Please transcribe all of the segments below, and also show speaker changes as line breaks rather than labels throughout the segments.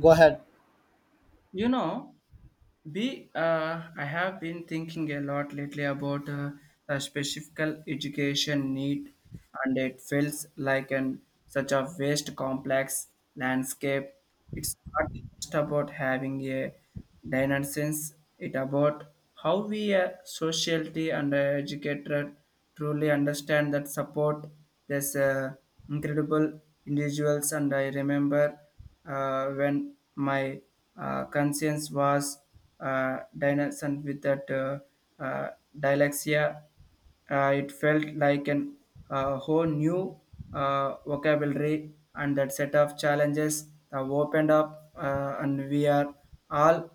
Go ahead.
You know, B, I have been thinking a lot lately about the specific education need, and it feels like an such a vast, complex landscape. It's not just about having a dimensions; it about how we, a society and a educator, truly understand that support. There's incredible individuals, and I remember when my conscience was Dyson with that uh, dyslexia. It felt like an whole new vocabulary and that set of challenges that opened up, and we are all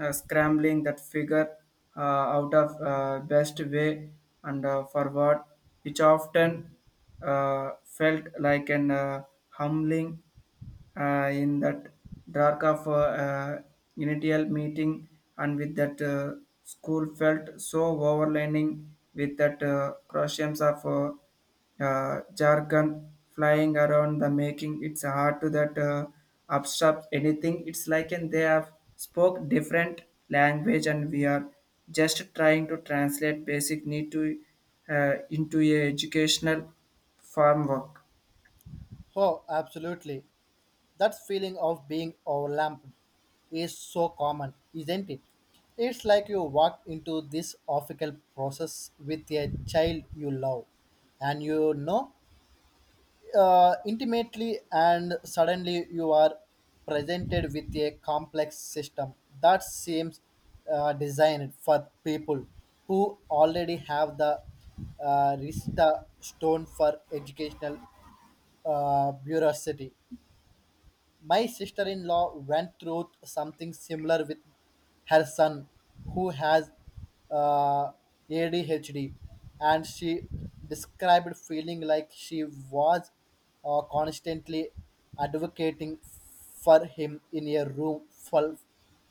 scrambling that figure uh, out of best way and forward, which often felt like an humbling in that dark of uh, initial meeting and with that school felt so overlining with that crochets of jargon flying around the making it's hard to that abstract anything it's like and they have spoke different language and we are just trying to translate basic need to into a educational farm work.
Oh, absolutely. That feeling of being overwhelmed is so common, isn't it? It's like you walk into this official process with a child you love and you know intimately, and suddenly you are presented with a complex system that seems designed for people who already have the Rista stone for educational bureaucracy. My sister in law went through something similar with her son who has uh, ADHD, and she described feeling like she was constantly advocating for him in a room full,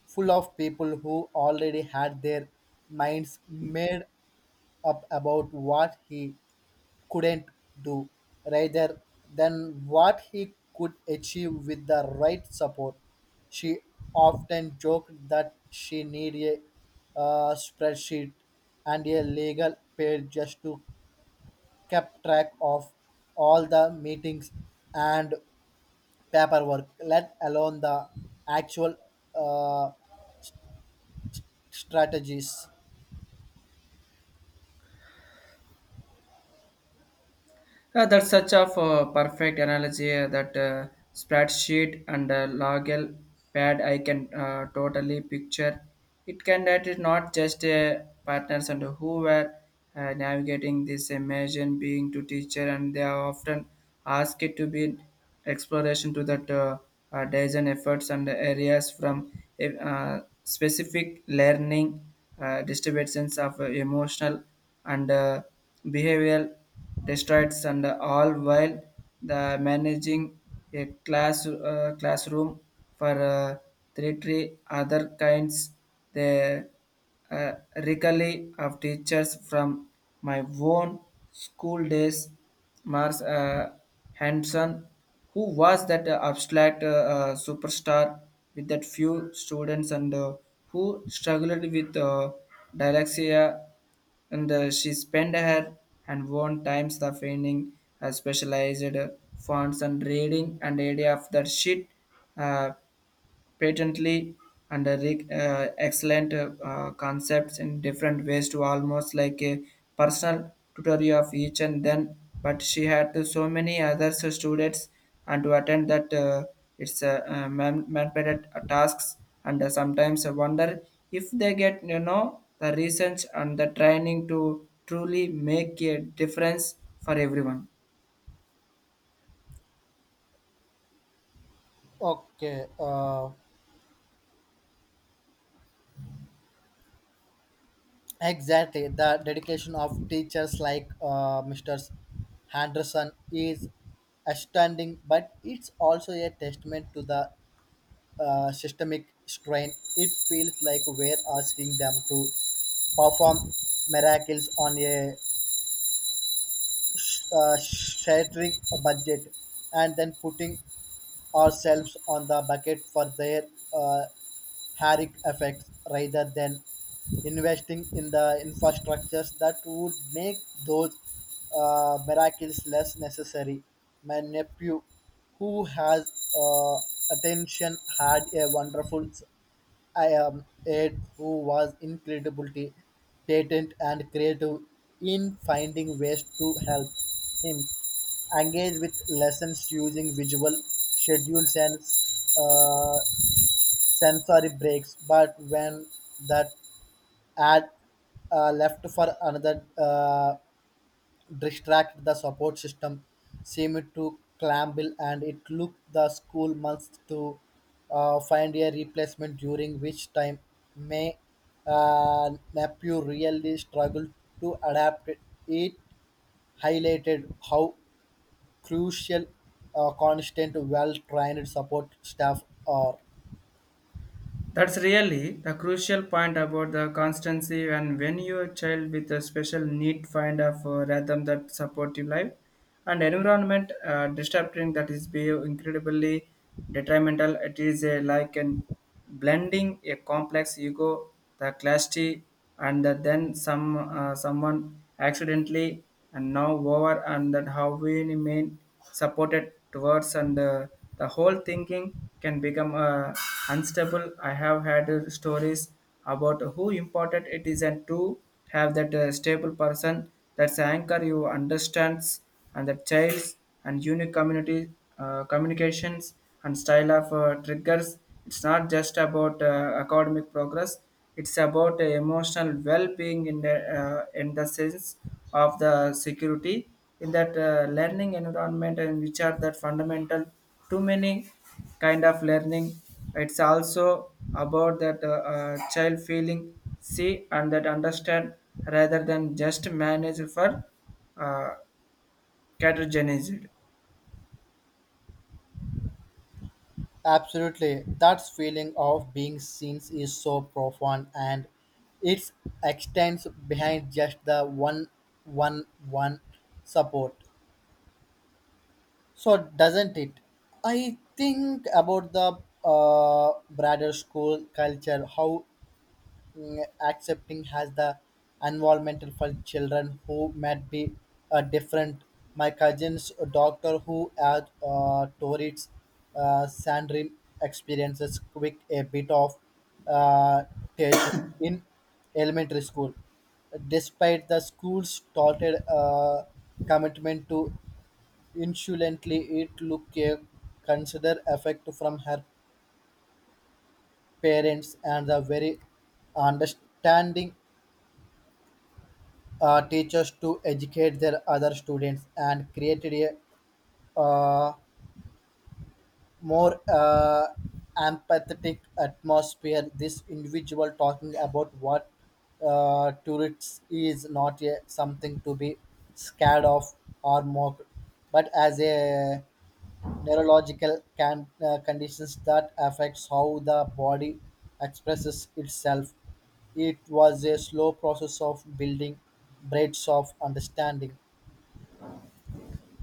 full of people who already had their minds made up about what he couldn't do rather than what he could achieve with the right support. She often joked that she needed a spreadsheet and a legal page just to keep track of all the meetings and paperwork, let alone the actual uh, strategies.
That's such a perfect analogy that spreadsheet and logel pad I can totally picture. It can that is not just partners and who were navigating this imagine being to teacher and they are often asked it to be exploration to that design efforts and areas from specific learning distributions of emotional and behavioral destroyed and all while the managing a class classroom for three other kinds the uh, recovery of teachers from my own school days Mars Hanson, who was that abstract superstar with that few students and who struggled with dyslexia and she spent her and won times the finding specialized fonts and reading and idea of that shit. Uh, patently and excellent concepts in different ways to almost like a personal tutorial of each and then but she had to so many other students and to attend that it's mandated tasks and sometimes I wonder if they get you know the research and the training to truly make a difference for everyone.
Okay. Exactly, the dedication of teachers like Mr. Henderson is astounding, but it's also a testament to the systemic strain. It feels like we're asking them to perform miracles on a shattering a budget and then putting ourselves on the bucket for their uh, haric effects rather than investing in the infrastructures that would make those miracles less necessary. My nephew, who has uh, attention, had a wonderful I am Ed, who was incredibly patient and creative in finding ways to help him engage with lessons using visual schedules and uh, sensory breaks. But when that ad left for another distracted the support system seemed to clamble and it took the school months to find a replacement during which time may Napu really struggled to adapt it. It highlighted how crucial constant well-trained support staff are.
That's really the crucial point about the constancy and when your child with a special need find a for rhythm that supportive life and environment disrupting that is be incredibly detrimental. It is a, like an blending a complex ego, the clashty, and the, then some someone accidentally and now over and that how we remain supported towards and the whole thinking can become unstable. I have had stories about who important it is and to have that stable person that's anchor you understands and the childs and unique community communications and style of triggers. It's not just about academic progress, it's about the emotional well-being in the sense of the security in that learning environment and which are that fundamental too many kind of learning. It's also about that child feeling see and that understand rather than just manage for uh, categorized.
Absolutely. That feeling of being seen is so profound and it extends behind just the one support. So doesn't it? I think about the broader school culture, how mm, accepting has the environmental for children who might be different. My cousin's doctor who had Tourette's syndrome experiences quick a bit of uh, teaching in elementary school. Despite the school's started commitment to insolently it look a consider effect from her parents and the very understanding teachers to educate their other students and created a uh, more empathetic atmosphere. This individual talking about what tourists is not a, something to be scared of or mocked, but as a neurological conditions that affects how the body expresses itself. It was a slow process of building braids of understanding.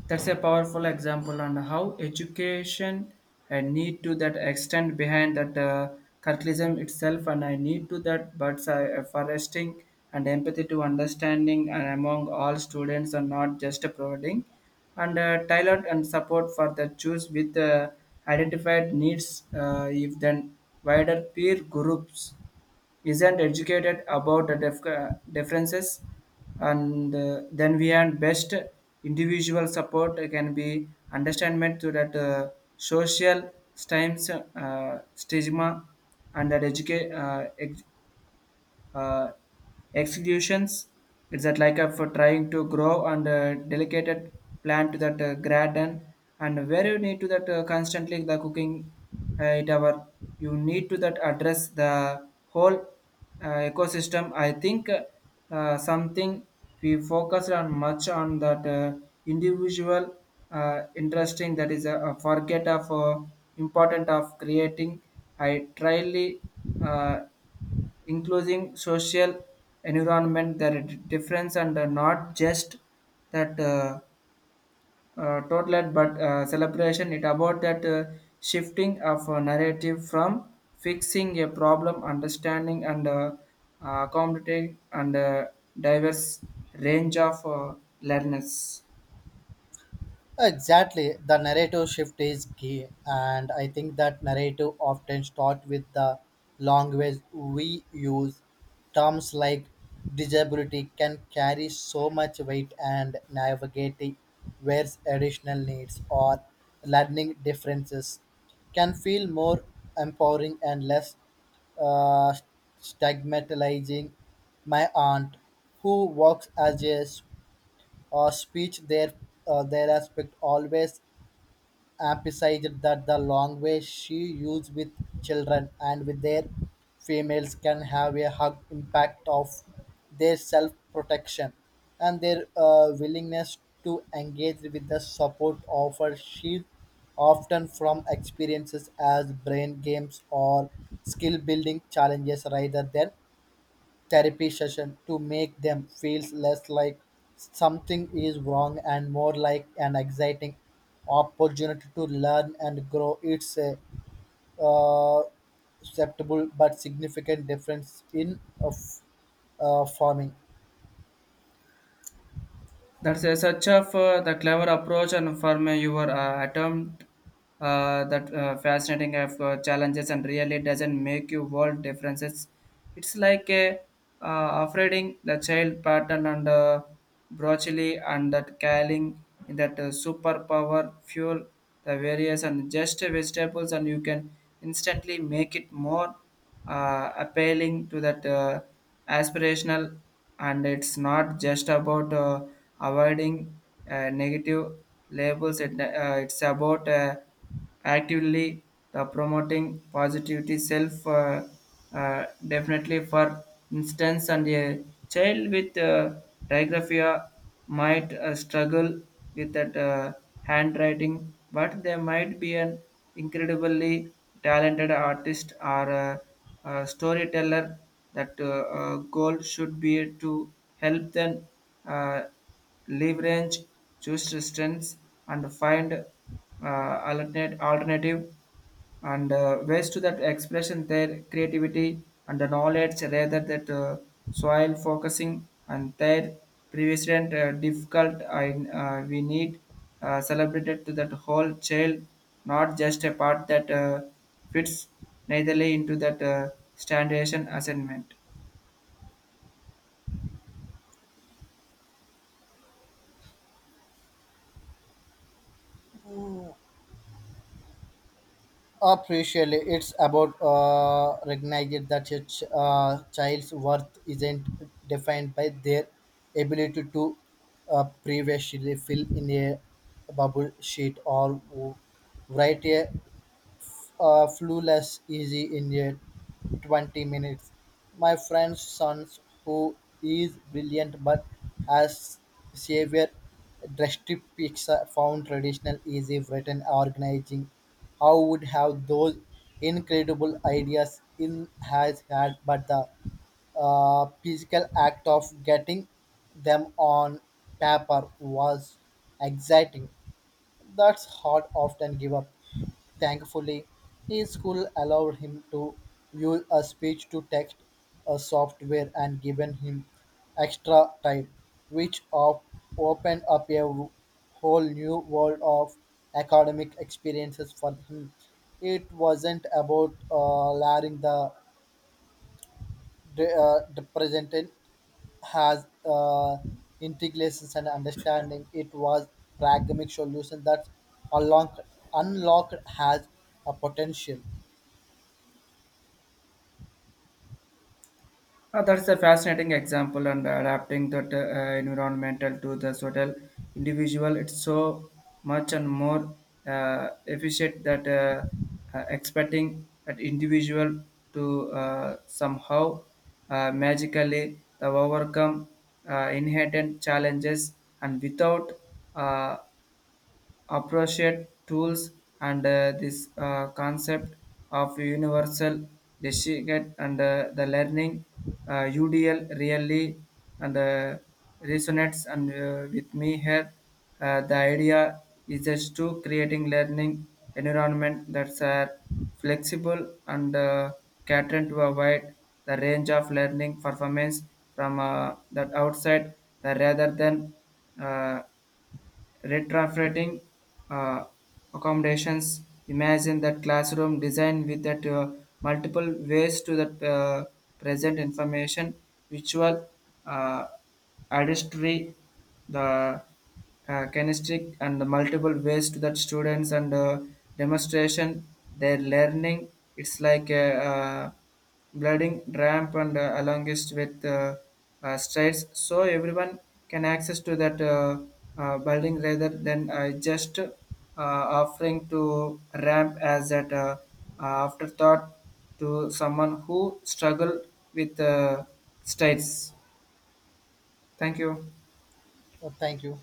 That's a powerful example on how education and need to that extend behind that culturalism itself and I need to that but foresting and empathy to understanding and among all students and not just providing and tailored and support for the choose with identified needs if then wider peer groups isn't educated about the differences and then we and best individual support can be understandment to that social times stigma and that educate uh, executions. It's that like for trying to grow and delegated plant to that garden and where you need to that constantly the cooking it our you need to that address the whole ecosystem. I think something we focused on much on that individual interesting that is a forget of important of creating I tryly uh, including social environment there are difference and not just that total but celebration it about that shifting of a narrative from fixing a problem understanding and accommodating and diverse range of learners.
Exactly. The narrative shift is key, and I think that narrative often starts with the language we use. Terms like disability can carry so much weight, and navigating where additional needs or learning differences can feel more empowering and less uh, stigmatizing. My aunt, who works as a speech, their aspect always emphasized that the language she used with children and with their females can have a hug impact of their self protection and their willingness to engage with the support offered. She often from experiences as brain games or skill building challenges rather than therapy session to make them feel less like something is wrong and more like an exciting opportunity to learn and grow. It's a uh, acceptable but significant difference in of farming.
That's a such of the clever approach and from your attempt that fascinating of challenges and really doesn't make you world differences. It's like a afraiding the child pattern and broccoli and that caling in that superpower fuel the various and just vegetables and you can instantly make it more appealing to that aspirational and it's not just about avoiding negative labels it, it's about actively the promoting positivity self definitely for instance and a child with digraphia might struggle with that handwriting, but they might be an incredibly talented artist or a storyteller. That goal should be to help them uh, leverage choose strengths and find alternate alternative and ways to that expression their creativity and the knowledge rather that soil focusing and their previous and, difficult and we need celebrated to that whole child not just a part that fits neitherly into that standardization assignment.
Appreciably, it's about recognizing that a child's worth isn't defined by their ability to previously fill in a bubble sheet or write a flawless easy in yet 20 minutes. My friend's son, who is brilliant but has severe dyspepsia, found traditional easy written organizing. How would have those incredible ideas in has had, but the physical act of getting them on paper was exciting. That's hard often give up. Thankfully, his school allowed him to use a speech to text a software and given him extra time, which opened up a whole new world of academic experiences for him. It wasn't about learning the president has integrations and understanding it was pragmatic solution that unlocked, unlocked has a potential.
That's a fascinating example, and adapting that environmental to the social individual, it's so much and more efficient that expecting that individual to somehow magically overcome inherent challenges and without uh, appropriate tools and this concept of universal decision and the learning UDL really and resonates and with me here. The idea is just to creating learning environment that's flexible and catering to a wide the range of learning performance from that outside the rather than uh, retrofitting uh, accommodations. Imagine that classroom design with that multiple ways to that present information, visual, uh, artistry, the kinesthetic, and the multiple ways to that students and demonstration their learning. It's like a, building ramp and alongst with strides so everyone can access to that building rather than just offering to ramp as that afterthought to someone who struggle with strides. Thank you.
Oh, thank you.